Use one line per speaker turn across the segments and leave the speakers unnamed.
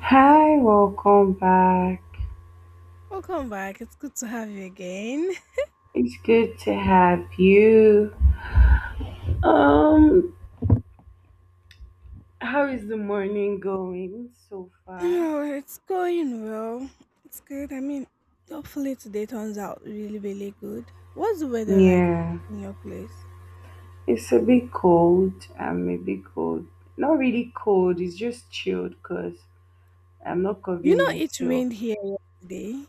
Hi, welcome back.
Welcome back. It's good to have you again.
It's good to have you. Um, how is the morning going so far?
Oh, it's going well. It's good. I mean, hopefully today turns out really, really good. What's the weather like
Yeah,
in your place?
it's a bit cold. I'm a bit cold. Not really cold, it's just chilled because I'm not
You
covering
know, it
myself.
rained here yesterday.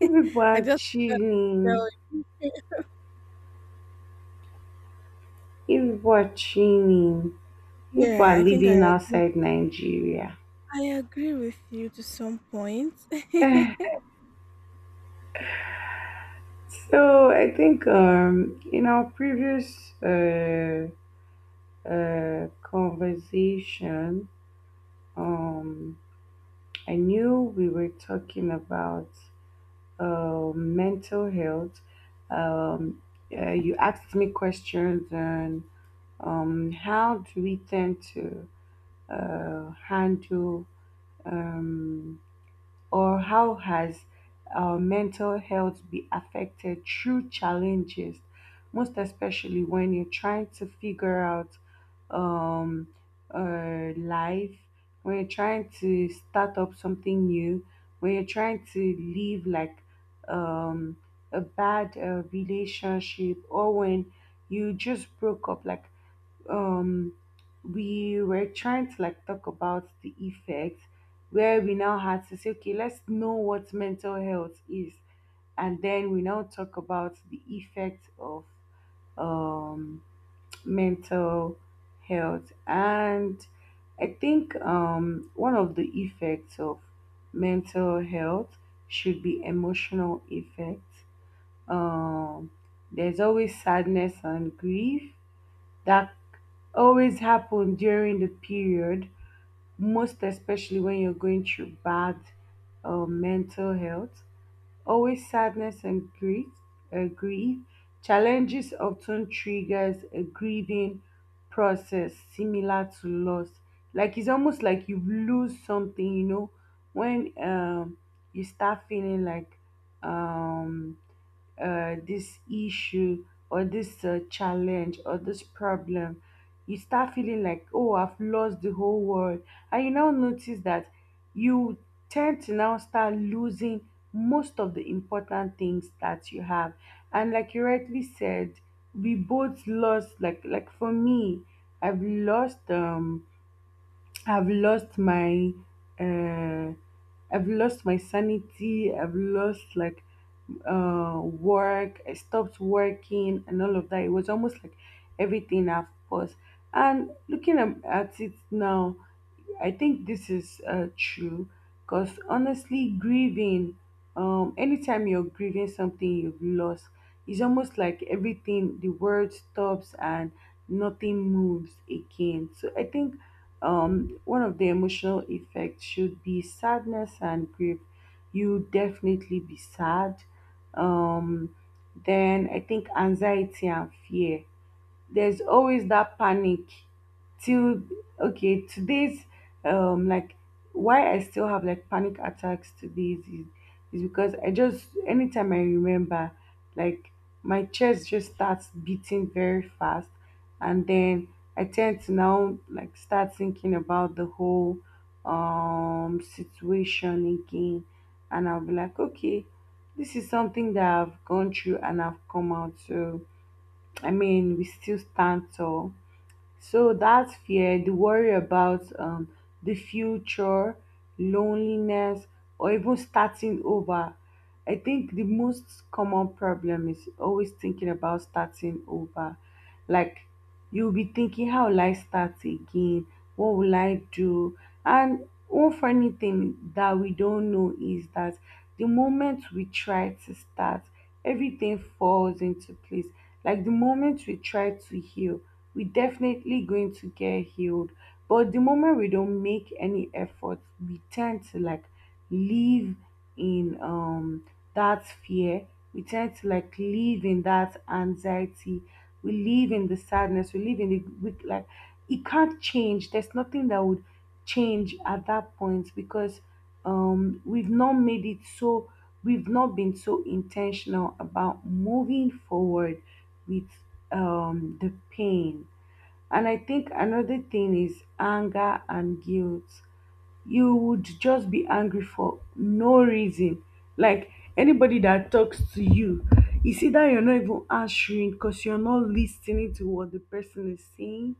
If people
I
are
just forgot to tell
chilling,
you.
if people are chilling, if people
Yeah,
are
I think I
living
agree.
outside Nigeria.
I agree with you to some point.
So I think in our previous conversation, um, I knew we were talking about mental health. Um, you asked me questions on how do we tend to handle um, or how has our mental health be affected through challenges, most especially when you're trying to figure out um life, when you're trying to start up something new, when you're trying to leave like um a bad relationship, or when you just broke up like um we were trying to like talk about the effects, where we now had to say okay, let's know what mental health is, and then we now talk about the effect of um mental health. And I think one of the effects of mental health should be emotional effects. um there's always sadness and grief that always happen during the period, most especially when you're going through bad mental health. Always sadness and grief, grief. Challenges often triggers a grieving process similar to loss. Like it's almost like you lose something, you know, when you start feeling like um, this issue or this challenge or this problem, you start feeling like, oh, I've lost the whole world. And you now notice that you tend to now start losing most of the important things that you have. And like you rightly said, we both lost, like for me, I've lost um, I've lost my uh, I've lost my sanity. I've lost like work. I stopped working and all of that. It was almost like everything I've paused. And looking at it now, I think this is true because honestly, grieving, anytime you're grieving something you've lost, it's almost like everything, the world stops and nothing moves again. So I think one of the emotional effects should be sadness and grief. You definitely be sad. Um, then I think anxiety and fear, there's always that panic till okay, today's like why I still have like panic attacks today is because I just anytime I remember, like my chest just starts beating very fast, and then I tend to now like start thinking about the whole situation again, and I'll be like okay, this is something that I've gone through and I've come out. So I mean, we still stand tall. So that fear, the worry about the future, loneliness, or even starting over. I think the most common problem is always thinking about starting over. Like you'll be thinking, how will I start again? What will I do? And one funny thing that we don't know is that the moment we try to start, everything falls into place. Like the moment we try to heal, we definitely going to get healed. But the moment we don't make any effort, we tend to like live in that fear, we tend to like live in that anxiety, we live in the sadness, we live in the weak, like it can't change, there's nothing that would change at that point because we've not made it, so we've not been so intentional about moving forward with the pain. And I think another thing is anger and guilt. You would just be angry for no reason, like anybody that talks to you, you see that you're not even answering because you're not listening to what the person is saying.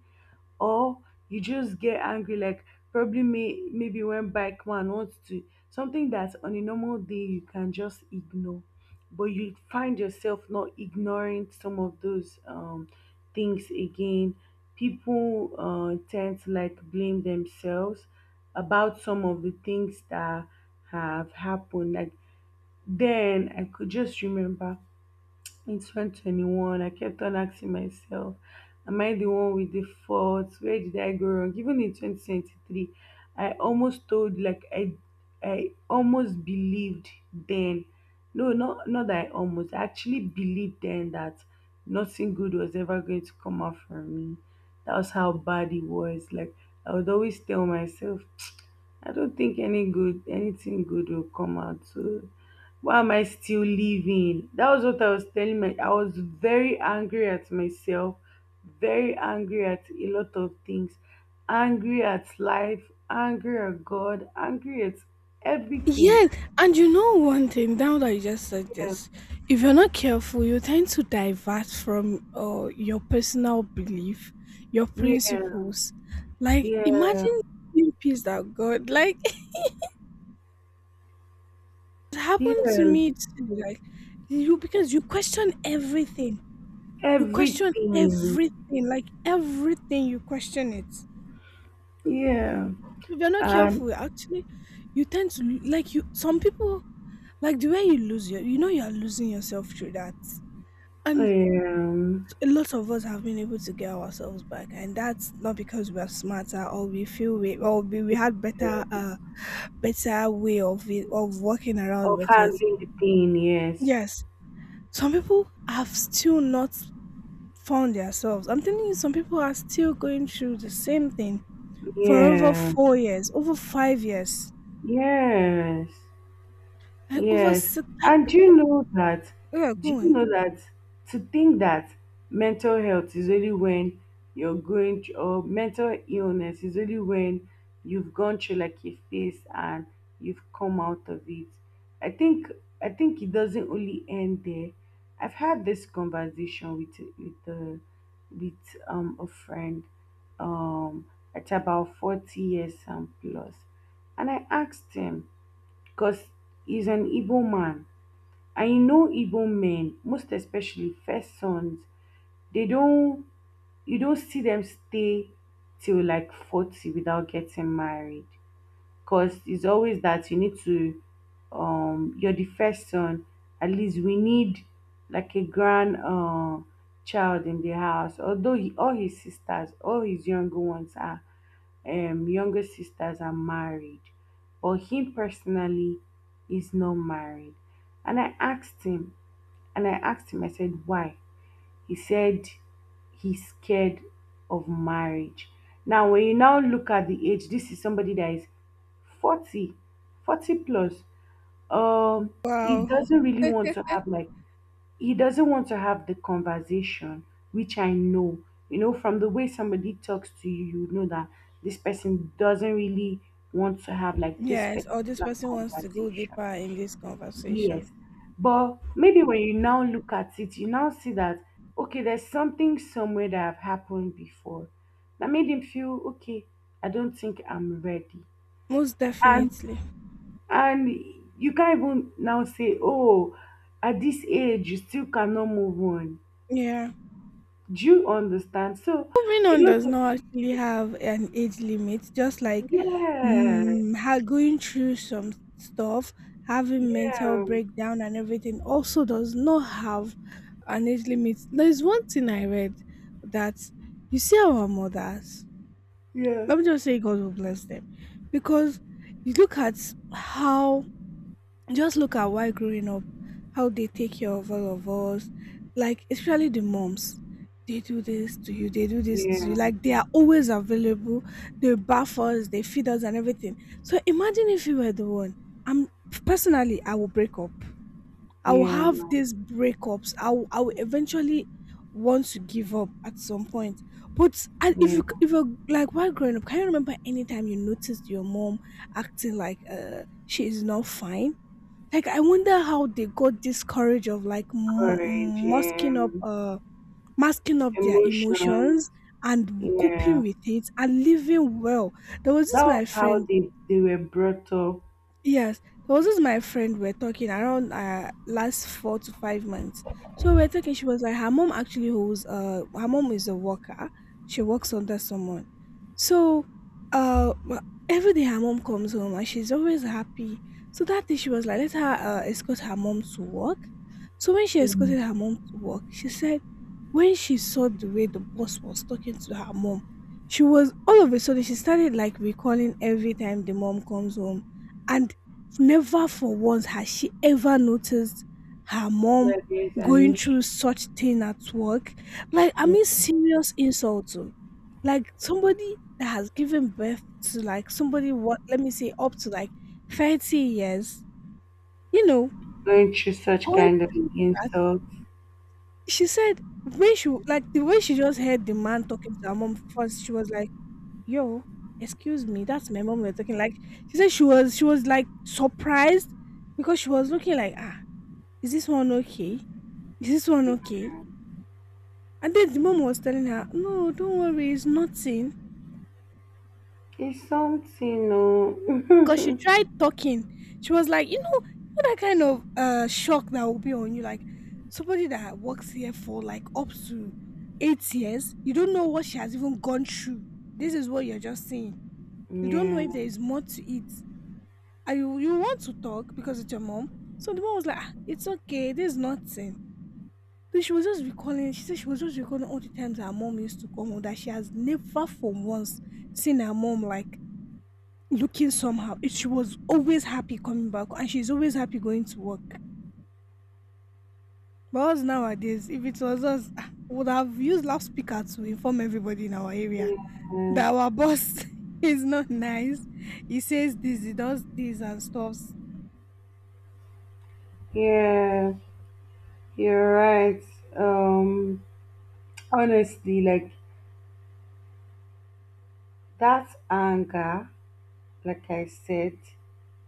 Or you just get angry, like probably maybe when bike man wants to something that on a normal day you can just ignore, but you find yourself not ignoring some of those things again. People tend to like blame themselves about some of the things that have happened. Like then I could just remember in 2021, I kept on asking myself, am I the one with the fault? Where did I go wrong? Even in 2023, I almost told, like, I almost believed then. No, not that I almost, I actually believed then that nothing good was ever going to come out from me. That was how bad it was. Like, I would always tell myself, I don't think anything good will come out. So why am I still living? That was what I was telling my I was very angry at myself, very angry at a lot of things, angry at life, angry at God, angry at everything.
Yes, and you know one thing, now that you just said
Yeah,
this, if you're not careful, you tend to divert from your personal belief, your
yeah,
principles. Like,
yeah,
imagine being pissed at God. Like, it happened to
yeah,
me too. Like, you, because you question everything. You question
everything.
everything. Like, everything, you question it. So
Yeah.
if you're not
And
careful, actually, you tend to, like, you, some people, like, the way you lose your, you know, you're losing yourself through that, and
um
a lot of us have been able to get ourselves back, and that's not because we're smarter or we feel we or we had
yeah.
better better way of it of working around
Of
with it.
handling the pain, yes.
Yes, some people have still not found themselves. I'm telling you, some people are still going through the same thing for over
Yeah.
4 years, over 5 years,
Yes,
like over
yes.
six, like
And do
people.
you know that?
Yeah,
Do
go
you
on.
know that to think that mental health is only when you're going through, or mental illness is only when you've gone through like a phase and you've come out of it. I think I think it doesn't only end there. I've had this conversation with with a friend um at about 40 years and plus, and I asked him, 'cause he's an Igbo man, and you know Igbo men, most especially first sons, they don't, you don't see them stay till like 40 without getting married because it's always that you need to you're the first son, at least we need like a grand child in the house. Although he, all his sisters, all his younger ones are younger sisters are married, but him personally is not married. And i asked him and i asked him I said why. He said he's scared of marriage. Now when you now look at the age, this is somebody that is 40, 40 plus. He
Wow.
doesn't really want to have like he doesn't want to have the conversation, which I know. You know, from the way somebody talks to you, you know that this person doesn't really want to have like this
Yes, or this
particular
person wants to go
conversation.
deeper in this conversation.
Yes. But maybe when you now look at it, you now see that, okay, there's something somewhere that have happened before that made him feel, okay, I don't think I'm ready.
Most
And
definitely.
and you can't even now say, oh, at this age, you still cannot move on.
Yeah.
Do you understand? So
Moving
a
on
lot
does
of
not actually have an age limit, just like,
yes,
going through some stuff, having mental
yeah,
breakdown and everything, also does not have an age limit. There's one thing I read that, you see our mothers,
yeah,
let me just say God will bless them, because you look at how, just look at why growing up, how they take care of all of us, like especially the moms. They do this to you, they do this to
yeah,
you. Like, they are always available. They bath us, they feed us and everything. So imagine if you were the one. I'm personally I will break up. I will
yeah,
have these breakups. I will eventually want to give up at some point. But I- if you
yeah,
if you're like while growing up, can you remember any time you noticed your mom acting like she is not fine? Like, I wonder how they got this courage of like
courage, yeah,
masking up their
emotions,
emotions, and
yeah.
coping with it, and living well. There was
That
this my
was how
friend.
they were brought up.
Yes, there was this my friend we're talking around last 4 to 5 months. So we're talking. She was like, her mom actually holds her mom is a worker. She works under someone. So uh wh- every day her mom comes home and she's always happy. So that day she was like, let her escort her mom to work. So when she escorted
Mm.
her mom to work, she said when she saw the way the boss was talking to her mom, she was all of a sudden she started like recalling every time the mom comes home, and never for once has she ever noticed her mom
That there's an
going through
issue.
such thing at work. Like, I
Yeah.
mean, serious insult. Oh. Like, somebody that has given birth to, like, somebody, what, let me say, up to like 30 years, you know,
Going through such
going
kind of
through that.
insults.
She said, when she, like, the way she just heard the man talking to her mom first, she was like, yo, excuse me, that's my mom we're talking. Like, she said she was like surprised, because she was looking like, ah, is this one okay? Is this one okay? And then the mom was telling her, no, don't worry, it's nothing.
It's something,
Because she
no.
tried talking. She was like, you know, you know that kind of shock that will be on you. Like, somebody that works here for like up to 8 years, you don't know what she has even gone through. This is what you're just saying. You don't know
Yeah,
if there is more to it. And you want to talk because it's your mom. So the mom was like, "Ah, it's okay, this nothing." So she was just recalling, all the times her mom used to come home, that she has never for once seen her mom like looking somehow. It, she was always happy coming back, and she's always happy going to work. But us nowadays, if it was us, ah, we would have used loudspeaker to inform everybody in our area
yeah,
that our boss is not nice. He says this, he does this and stuff.
yeah. You're right. Um, Honestly, like that anger, like I said,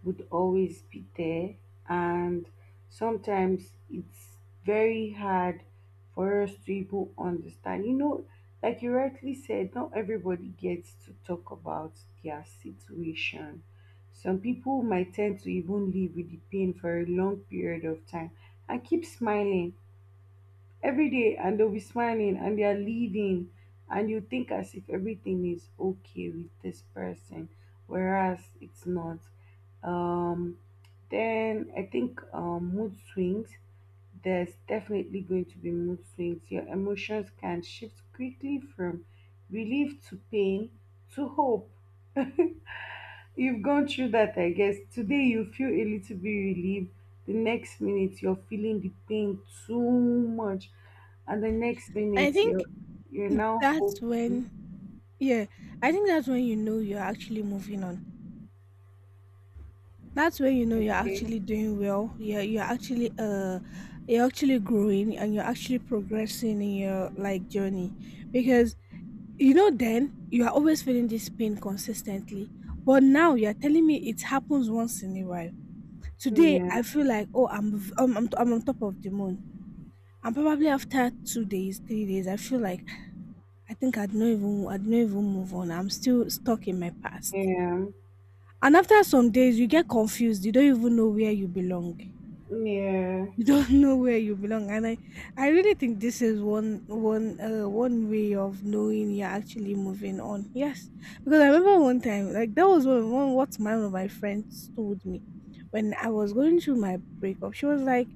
would always be there, and sometimes it's very hard for us to even understand. You know, like you rightly said, not everybody gets to talk about their situation. Some people might tend to even live with the pain for a long period of time and keep smiling every day, and they'll be smiling and they are leading, and you think as if everything is okay with this person, whereas it's not. um then I think mood swings, there's definitely going to be mood swings. Your emotions can shift quickly from relief to pain to hope. You've gone through that, I guess. Today you feel a little bit relieved. The next minute you're feeling the pain too much. And the next
I
minute
think
you're now
that's
hoping.
when, yeah, I think that's when you know you're actually moving on. That's where you know you're
Okay.
actually doing well. You're actually you're actually growing, and you're actually progressing in your like journey. Because you know then you are always feeling this pain consistently. But now you're telling me it happens once in a while. Today
Yeah.
I feel like, oh, I'm on top of the moon. And probably after 2 days, 3 days, I feel like, I think I'd not even move on. I'm still stuck in my past.
Yeah.
And after some days, you get confused. You don't even know where you belong.
Yeah.
You don't know where you belong. And I really think this is one way of knowing you're actually moving on. Yes, because I remember one time, like, that was one of my friends told me when I was going through my breakup. She was like,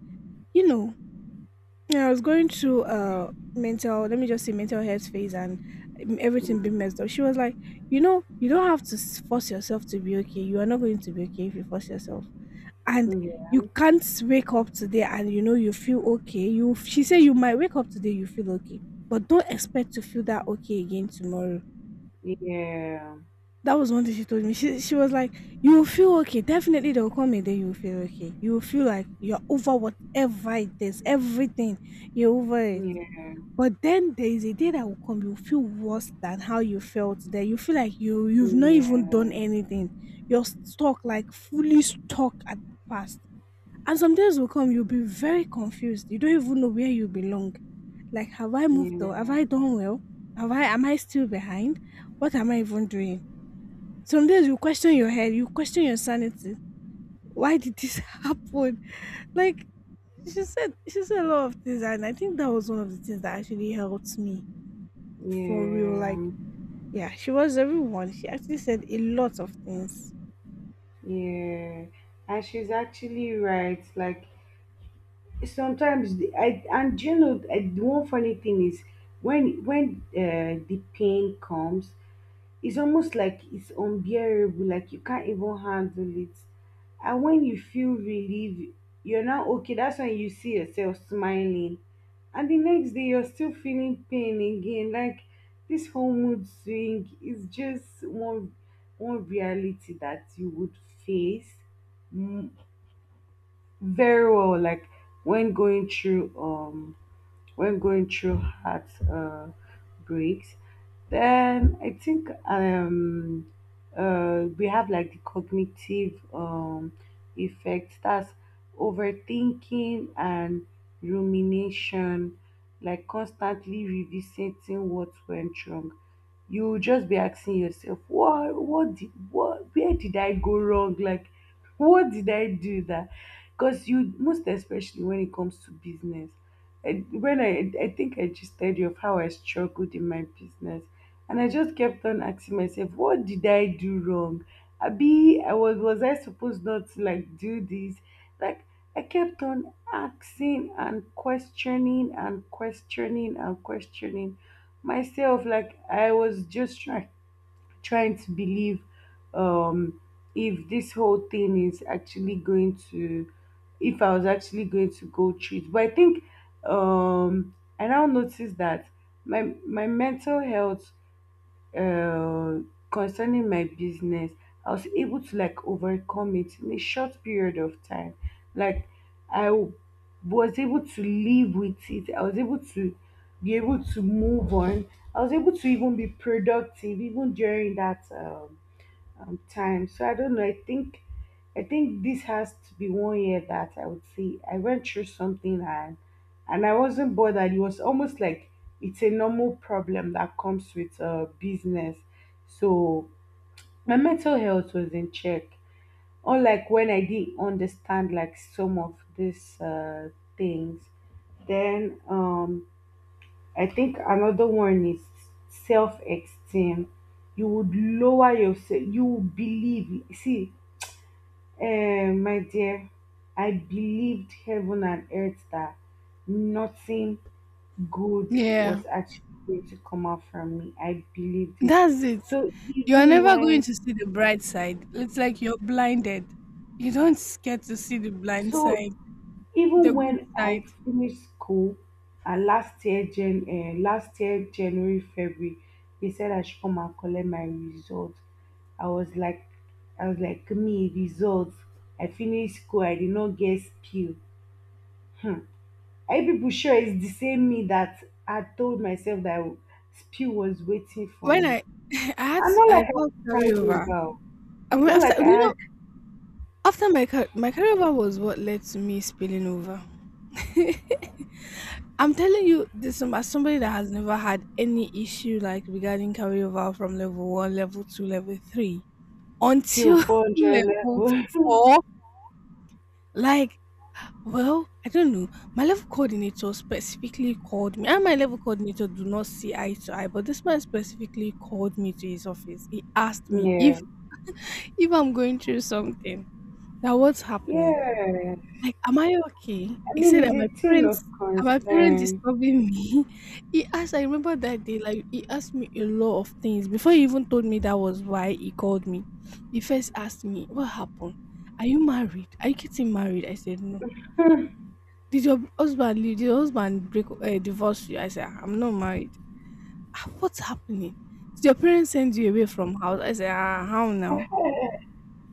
you know, when I was going through mental, let me just say mental health phase, and everything being
Mm.
messed up, she was like, you know you don't have to force yourself to be okay. You are not going to be okay if you force yourself. And you
Yeah.
can't wake up today and you know you feel okay. You, she said, you might wake up today, you feel okay, but don't expect to feel that okay again tomorrow.
Yeah. Yeah.
That was one thing she told me. She was like, you will feel okay. Definitely there will come a day you will feel okay. You will feel like you're over whatever it is, everything. You're over it.
Yeah.
But then there is a day that will come, you'll feel worse than how you felt there. You feel like you've not even done anything. You're stuck, like fully stuck at the past. And some days will come, you'll be very confused. You don't even know where you belong. Like, have I moved, or have I done well? Have I Am I still behind? What am I even doing? Some days you question your head, you question your sanity. Why did this happen? Like, she said a lot of things, and I think that was one of the things that actually helped me
Yeah.
for real. Like,
Yeah.
yeah, she was everyone. She actually said a lot of things.
Yeah. And she's actually right. Like sometimes I and you know I, the one funny thing is when the pain comes, it's almost like it's unbearable, like you can't even handle it. And when you feel relief, you're not okay. That's when you see yourself smiling, and the next day you're still feeling pain again. Like this whole mood swing is just one reality that you would face very well like when going through um when going through heartbreaks, breaks, then I think we have like the cognitive effects, that's overthinking and rumination, like constantly revisiting what went wrong. You will just be asking yourself, what, where did I go wrong? Like, what did I do that? Because you, most especially when it comes to business, when I think I just told you of how I struggled in my business, and I just kept on asking myself, what did I do wrong? Abi, I was I supposed not to like do this? Like I kept on asking and questioning and questioning and questioning myself. Like I was just trying to believe um, if this whole thing is actually going to, if I was actually going to go through it. But I think I now notice that my mental health, uh, concerning my business, I was able to like overcome it in a short period of time. Like I w- was able to live with it. I was able to be able to move on. I was able to even be productive even during that time. So I don't know. I think this has to be 1 year that I would say I went through something and I wasn't bothered. It was almost like it's a normal problem that comes with business. So my mental health was in check. Unlike when I didn't understand like some of these things. Then I think another one is self esteem. You would lower yourself. You would believe. See, eh, my dear, I believed heaven and earth that nothing good
Yeah.
was actually going to come out from me. I believed it.
That's it.
So
You are
even
never going
when,
to see the bright side. It's like you're blinded. You don't get to see the blind
so
side, the
even
good
when
side.
I finished school, last year, Jan, last year January, February, they said I should come and collect my results. I was like, I was like, me results? I finished school. I did not get skill. Hmm. Are you people sure it's the same me that had told myself that Spew was waiting for
When
me?
I I had
And
to,
not
I
like
got
I had
carryover.
about.
I went
Not
after,
like
you
I
know,
had
after my my carryover was what led to me spilling over. I'm telling you, this as somebody that has never had any issue like regarding carryover from level one, level two, level three
till
until
400
level
level.
four. Like, well, I don't know. My level coordinator specifically called me. And my level coordinator do not see eye to eye, but this man specifically called me to his office. He asked me
yeah,
if I'm going through something. Now what's happening?
yeah.
Like, am I okay?
I
He
mean,
said
it's
that
a
my
thing of
parents are, my parents
concern.
disturbing me. He asked, I remember that day, like he asked me a lot of things before he even told me that was why he called me. He first asked me, what happened? Are you married? Are you getting married? I said no. Did your husband leave? Did your husband break divorce you? I said, I'm not married. "Ah, what's happening? Did your parents send you away from house?" I said, ah, how now?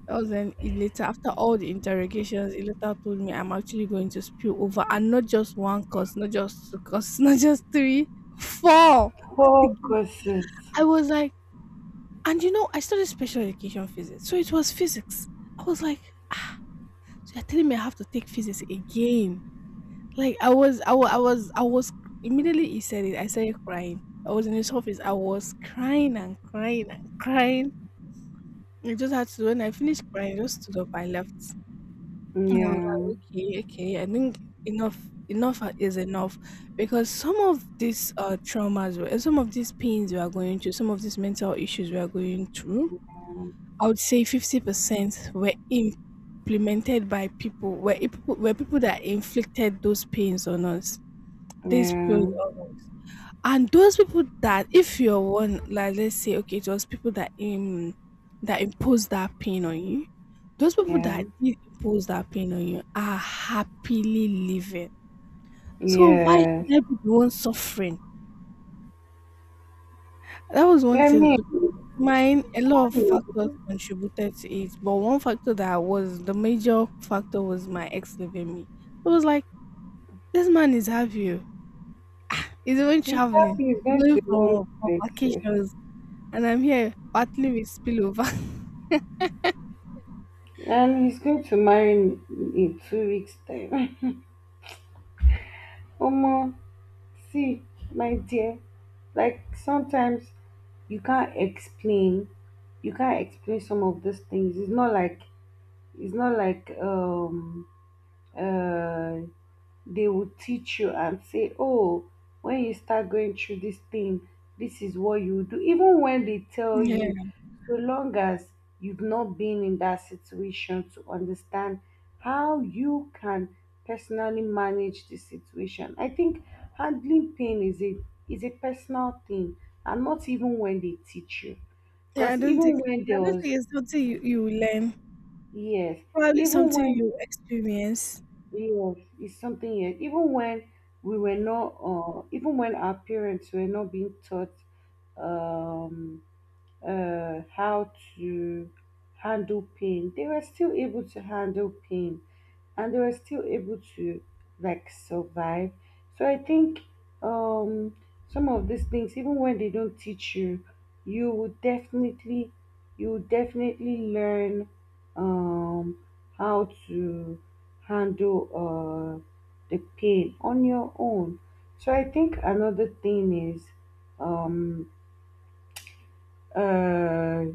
That was then he later, after all the interrogations, he later told me I'm actually going to spill over, and not just one cause, not just two cause, not just three, four.
Focuses.
I was like, and you know, I studied special education physics. So it was physics. I was like, ah, so you're telling me I have to take physics again. Like, I was, I was, I was, I was immediately he said it, I started crying. I was in his office. I was crying and crying and crying. I just had to. When I finished crying, I just stood up. I left, and I was
Yeah,
like, okay, okay. I think enough is enough, because some of these traumas, some of these pains we are going through, some of these mental issues we are going through, I would say 50% were implemented by people that inflicted those pains on us, these people.
yeah,
And those people that, if you're one, like let's say, okay, it was people that that imposed that pain on you. Those people
yeah,
that did impose that pain on you are happily living. So why
yeah. Yes.
should I be the one suffering? That was one
I
thing.
mean,
Because
you
mine, a lot of factors
know,
contributed to it, but one factor that was the major factor was my ex leaving me. It was like, this man is happy. Oh, he's even
he's
traveling,
happy, he's going
going
to go
for
places.
vacations. And I'm here battling with spillover.
And he's going to marry me in 2 weeks' time. omo, see, my dear, like sometimes you can't explain, some of these things. It's not like it's not like um uh they will teach you and say, "Oh, when you start going through this thing, this is what you do." Even when they tell you,
Yeah.
so long as you've not been in that situation to understand how you can personally manage the situation, I think handling pain is a personal thing, and not even when they teach you.
Yeah,
Because even
I
when there
don't
was,
think it's something you will learn.
yes,
Probably
even
something
when,
you experience.
yes, it's something yet. Even when we were not, even when our parents were not being taught um, how to handle pain, they were still able to handle pain and they were still able to like survive. So I think um, some of these things, even when they don't teach you, you will definitely you will definitely learn um, how to handle the pain on your own. So I think another thing is um, uh,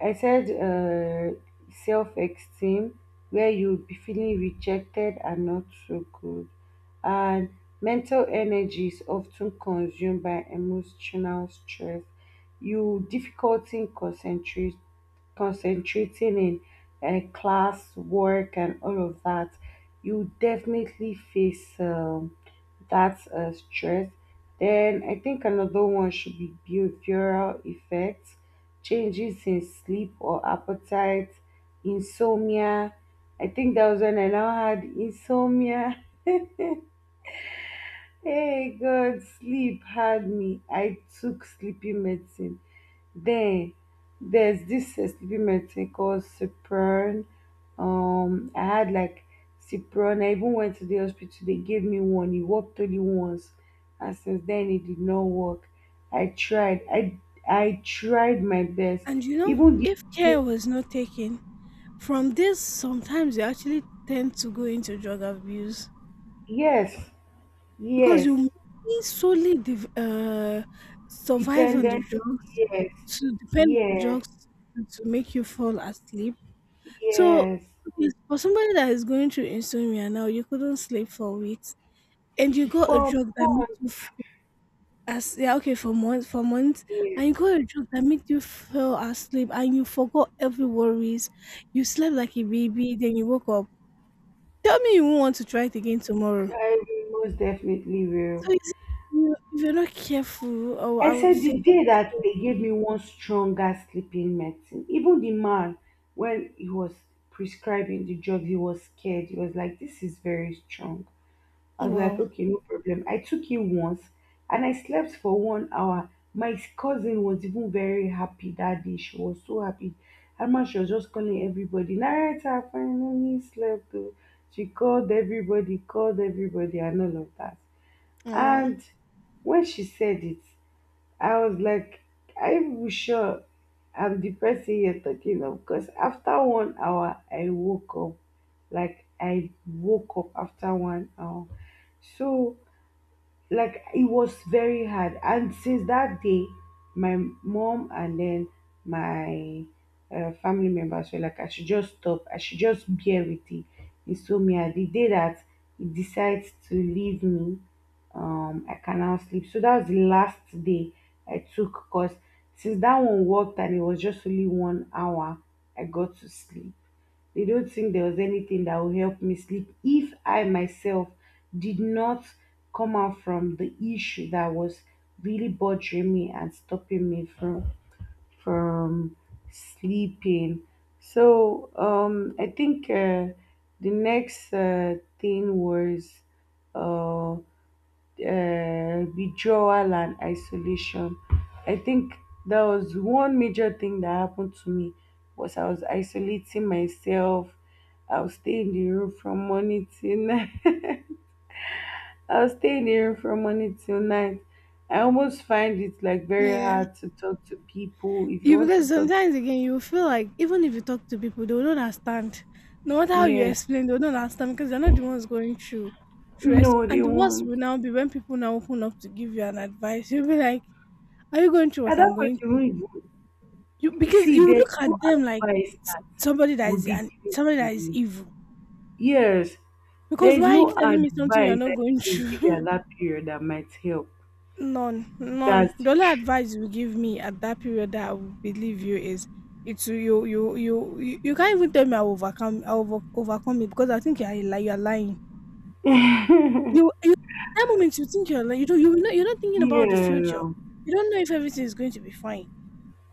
I said self esteem, where you'll be feeling rejected and not so good. And mental energy is often consumed by emotional stress. You difficulty in concentrating in class, work, and all of that. You definitely face. That's stress. Then I think another one should be behavioral effects, changes in sleep or appetite, insomnia. I think that was when I now had insomnia. Hey God, sleep had me. I took sleeping medicine. Then there's this sleeping medicine called Cipron. I had like Cipron. I even went to the hospital. They gave me one. It worked only once, and since then it did not work. I tried. I tried my best.
And you know,
Even the,
if care was not taken, from this sometimes you actually tend to go into drug abuse
yes,
because
yes,
you may survive on the
dependent.
drugs,
Yes,
to depend on the
yes,
drugs to make you fall asleep. So
yes.
okay, for somebody that is going through insomnia now, you couldn't sleep for weeks. And you got a
For
drug that made you
months,
f as, yeah, okay, for months,
yes,
and you got a drug that made you fell asleep and you forgot every worries. You slept like a baby, then you woke up. Tell me you won't want to try it again tomorrow.
I most definitely
So
will.
you see, you if you're not careful, or
I
I would
said
say,
the day that they gave me one stronger sleeping medicine, even the man, when he was prescribing the drug, he was scared. He was like, "This is very strong." I was like,
wow,
okay, no problem. I took it once and I slept for 1 hour. My cousin was even very happy that day. She was so happy, and man, she was just calling everybody, "Night, I finally slept, oh." She called everybody, called everybody, and all of that.
wow,
And when she said it, I was like, I'm sure I'm the person you're talking of. Because after 1 hour, I woke up. Like, I woke up after 1 hour. So, like it was very hard, and since that day my mom and then my family members were like I should just stop, I should just bear with it. Insomnia, the day that it decides to leave me, I can now sleep. So that was the last day I took, because since that one worked and it was just only 1 hour I got to sleep, they don't think there was anything that will help me sleep if I myself did not come out from the issue that was really bothering me and stopping me from sleeping. So I think the next thing was uh, withdrawal and isolation. I think that was one major thing that happened to me, was I was isolating myself. I was staying in the room from morning till night. I was staying in the room from morning till night. I almost find it like very
yeah.
hard to talk to people. If you
You,
want to
because
talk,
sometimes again you feel like even if you talk to people they will not understand, no matter how you
yeah,
explain they will not understand because they're not the ones going through it.
no, they
And the worst
won't.
will now be when people now open up to give you an advice, you'll be like, are you going through
At
what
that
I'm
point,
going
you
through?
won't even,
You,
you
because
see,
you look
there's no
at them like
advice that
somebody that
would
is,
be
and
given
somebody
to
that is
you.
evil,
Yes, there
because
is
why are you
no
telling me something you're
advice
not
that
going
you will give you
through?
at that period that might help.
None, none.
That's
The
the
only
truth.
advice you give me at that period that I would believe you is it's you. Can't even tell me I will overcome, I will overcome it, because I think you're lying. You you at that moment you think you're lying. You don't, you know, you're not thinking about the future.
yeah.
You don't know if everything is going to be fine.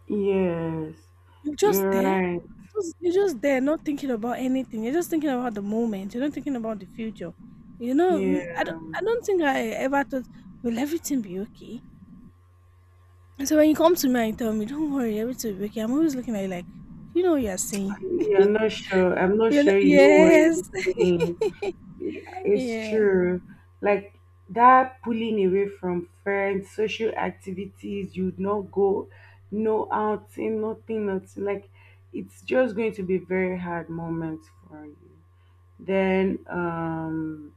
Yes.
You're just
You're
there.
right.
Just, you're just there, not thinking about anything. You're just thinking about the moment. You're not thinking about the future. You know,
Yeah.
I don't think I ever thought, will everything be okay? So when you come to me and tell me, don't worry, everything will be okay, I'm always looking at you like, do you know what you're saying?
Yeah,
You
I'm not sure. I'm not
know,
sure you know what
yes.
you're saying. Yeah, it's
Yeah,
true. Like that pulling away from friends, social activities, you'd not go, no outing, nothing, nothing. Like it's just going to be very hard moments for you. Then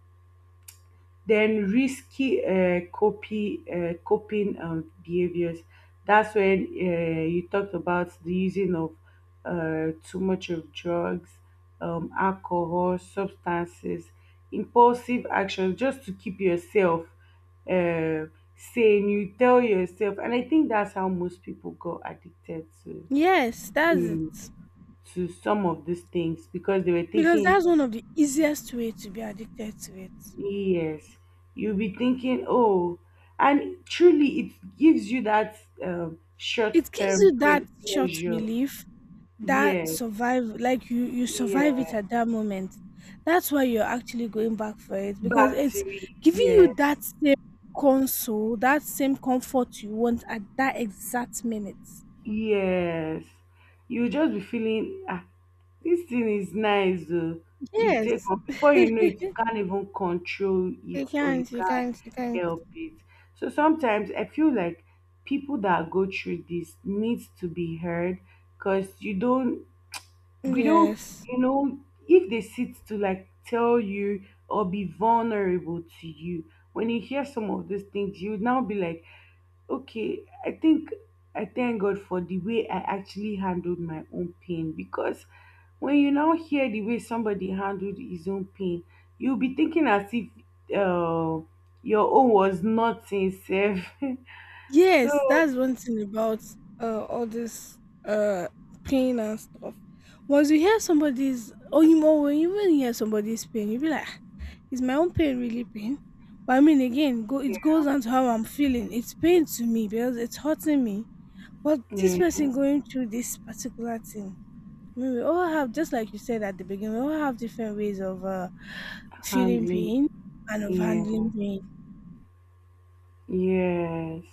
then risky copy coping behaviors. That's when you talked about the using of too much of drugs, alcohol, substances, impulsive actions, just to keep yourself uh, sane. You tell yourself, and I think that's how most people got addicted
yes, that's
to,
it.
to some of these things, because they were
Because
thinking,
that's one of the easiest way to be addicted to it.
yes, you'll be thinking, oh, and truly it gives you that
It gives
short-term
you that short
pleasure.
relief, that
Yes,
survive, like you survive it
yeah,
at that moment. That's why you're actually going back for it because
back to
it's
it.
giving you
Yes,
that same console, that same comfort you want at that exact minute.
yes. You'll just be feeling, ah, this thing is nice. You take
Yes.
on, before you know it, you can't even control it or you can't
You can't.
help it. So sometimes I feel like people that go through this needs to be heard, because you don't, we,
Yes.
you know, if they sit to like tell you or be vulnerable to you, when you hear some of these things you would now be like, okay, I think I thank God for the way I actually handled my own pain. Because when you now hear the way somebody handled his own pain, you'll be thinking as if uh, your own was not sincere.
Yes,
so
that's one thing about all this uh pain and stuff. Once you hear somebody's, or you know, when you even hear somebody's pain, you be like, "Ah, is my own pain really pain?" But I mean again, go it
yeah,
goes on to how I'm feeling. It's pain to me because it's hurting me. But this
yeah,
person going through this particular thing. I mean, we all have, just like you said at the beginning, we all have different ways of feeling
handling,
pain and of
yeah,
handling pain.
yes.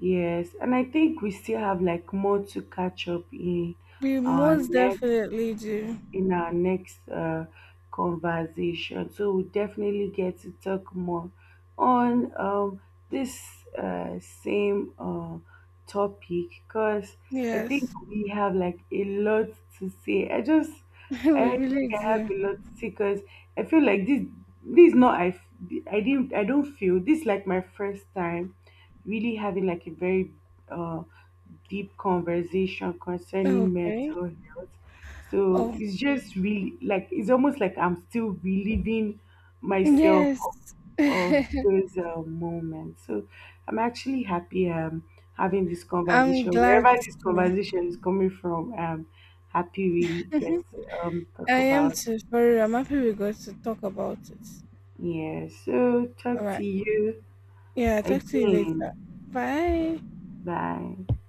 Yes, and I think we still have like more to catch up
We
our
most
next
definitely do.
in our next conversation. So we definitely get to talk more on this same topic, because I think
Yes,
we have like a lot to say.
we
I
really
think I have
do.
a lot to say, because I feel like this is not I f- I didn't I don't feel this is like my first time really having like a very uh deep conversation concerning
Okay.
mental health. So
Oh,
it's just really like, it's almost like I'm still reliving myself
yes.
of those moments. So I'm actually happy having this
I'm
conversation
glad
wherever this
to.
conversation is coming from. I'm happy we get to
I
talk
am
about,
too. For real, I'm happy we got to talk about it.
yeah, so
All
talk
right.
to you
Yeah, talk to you later.
again.
Bye.
Bye.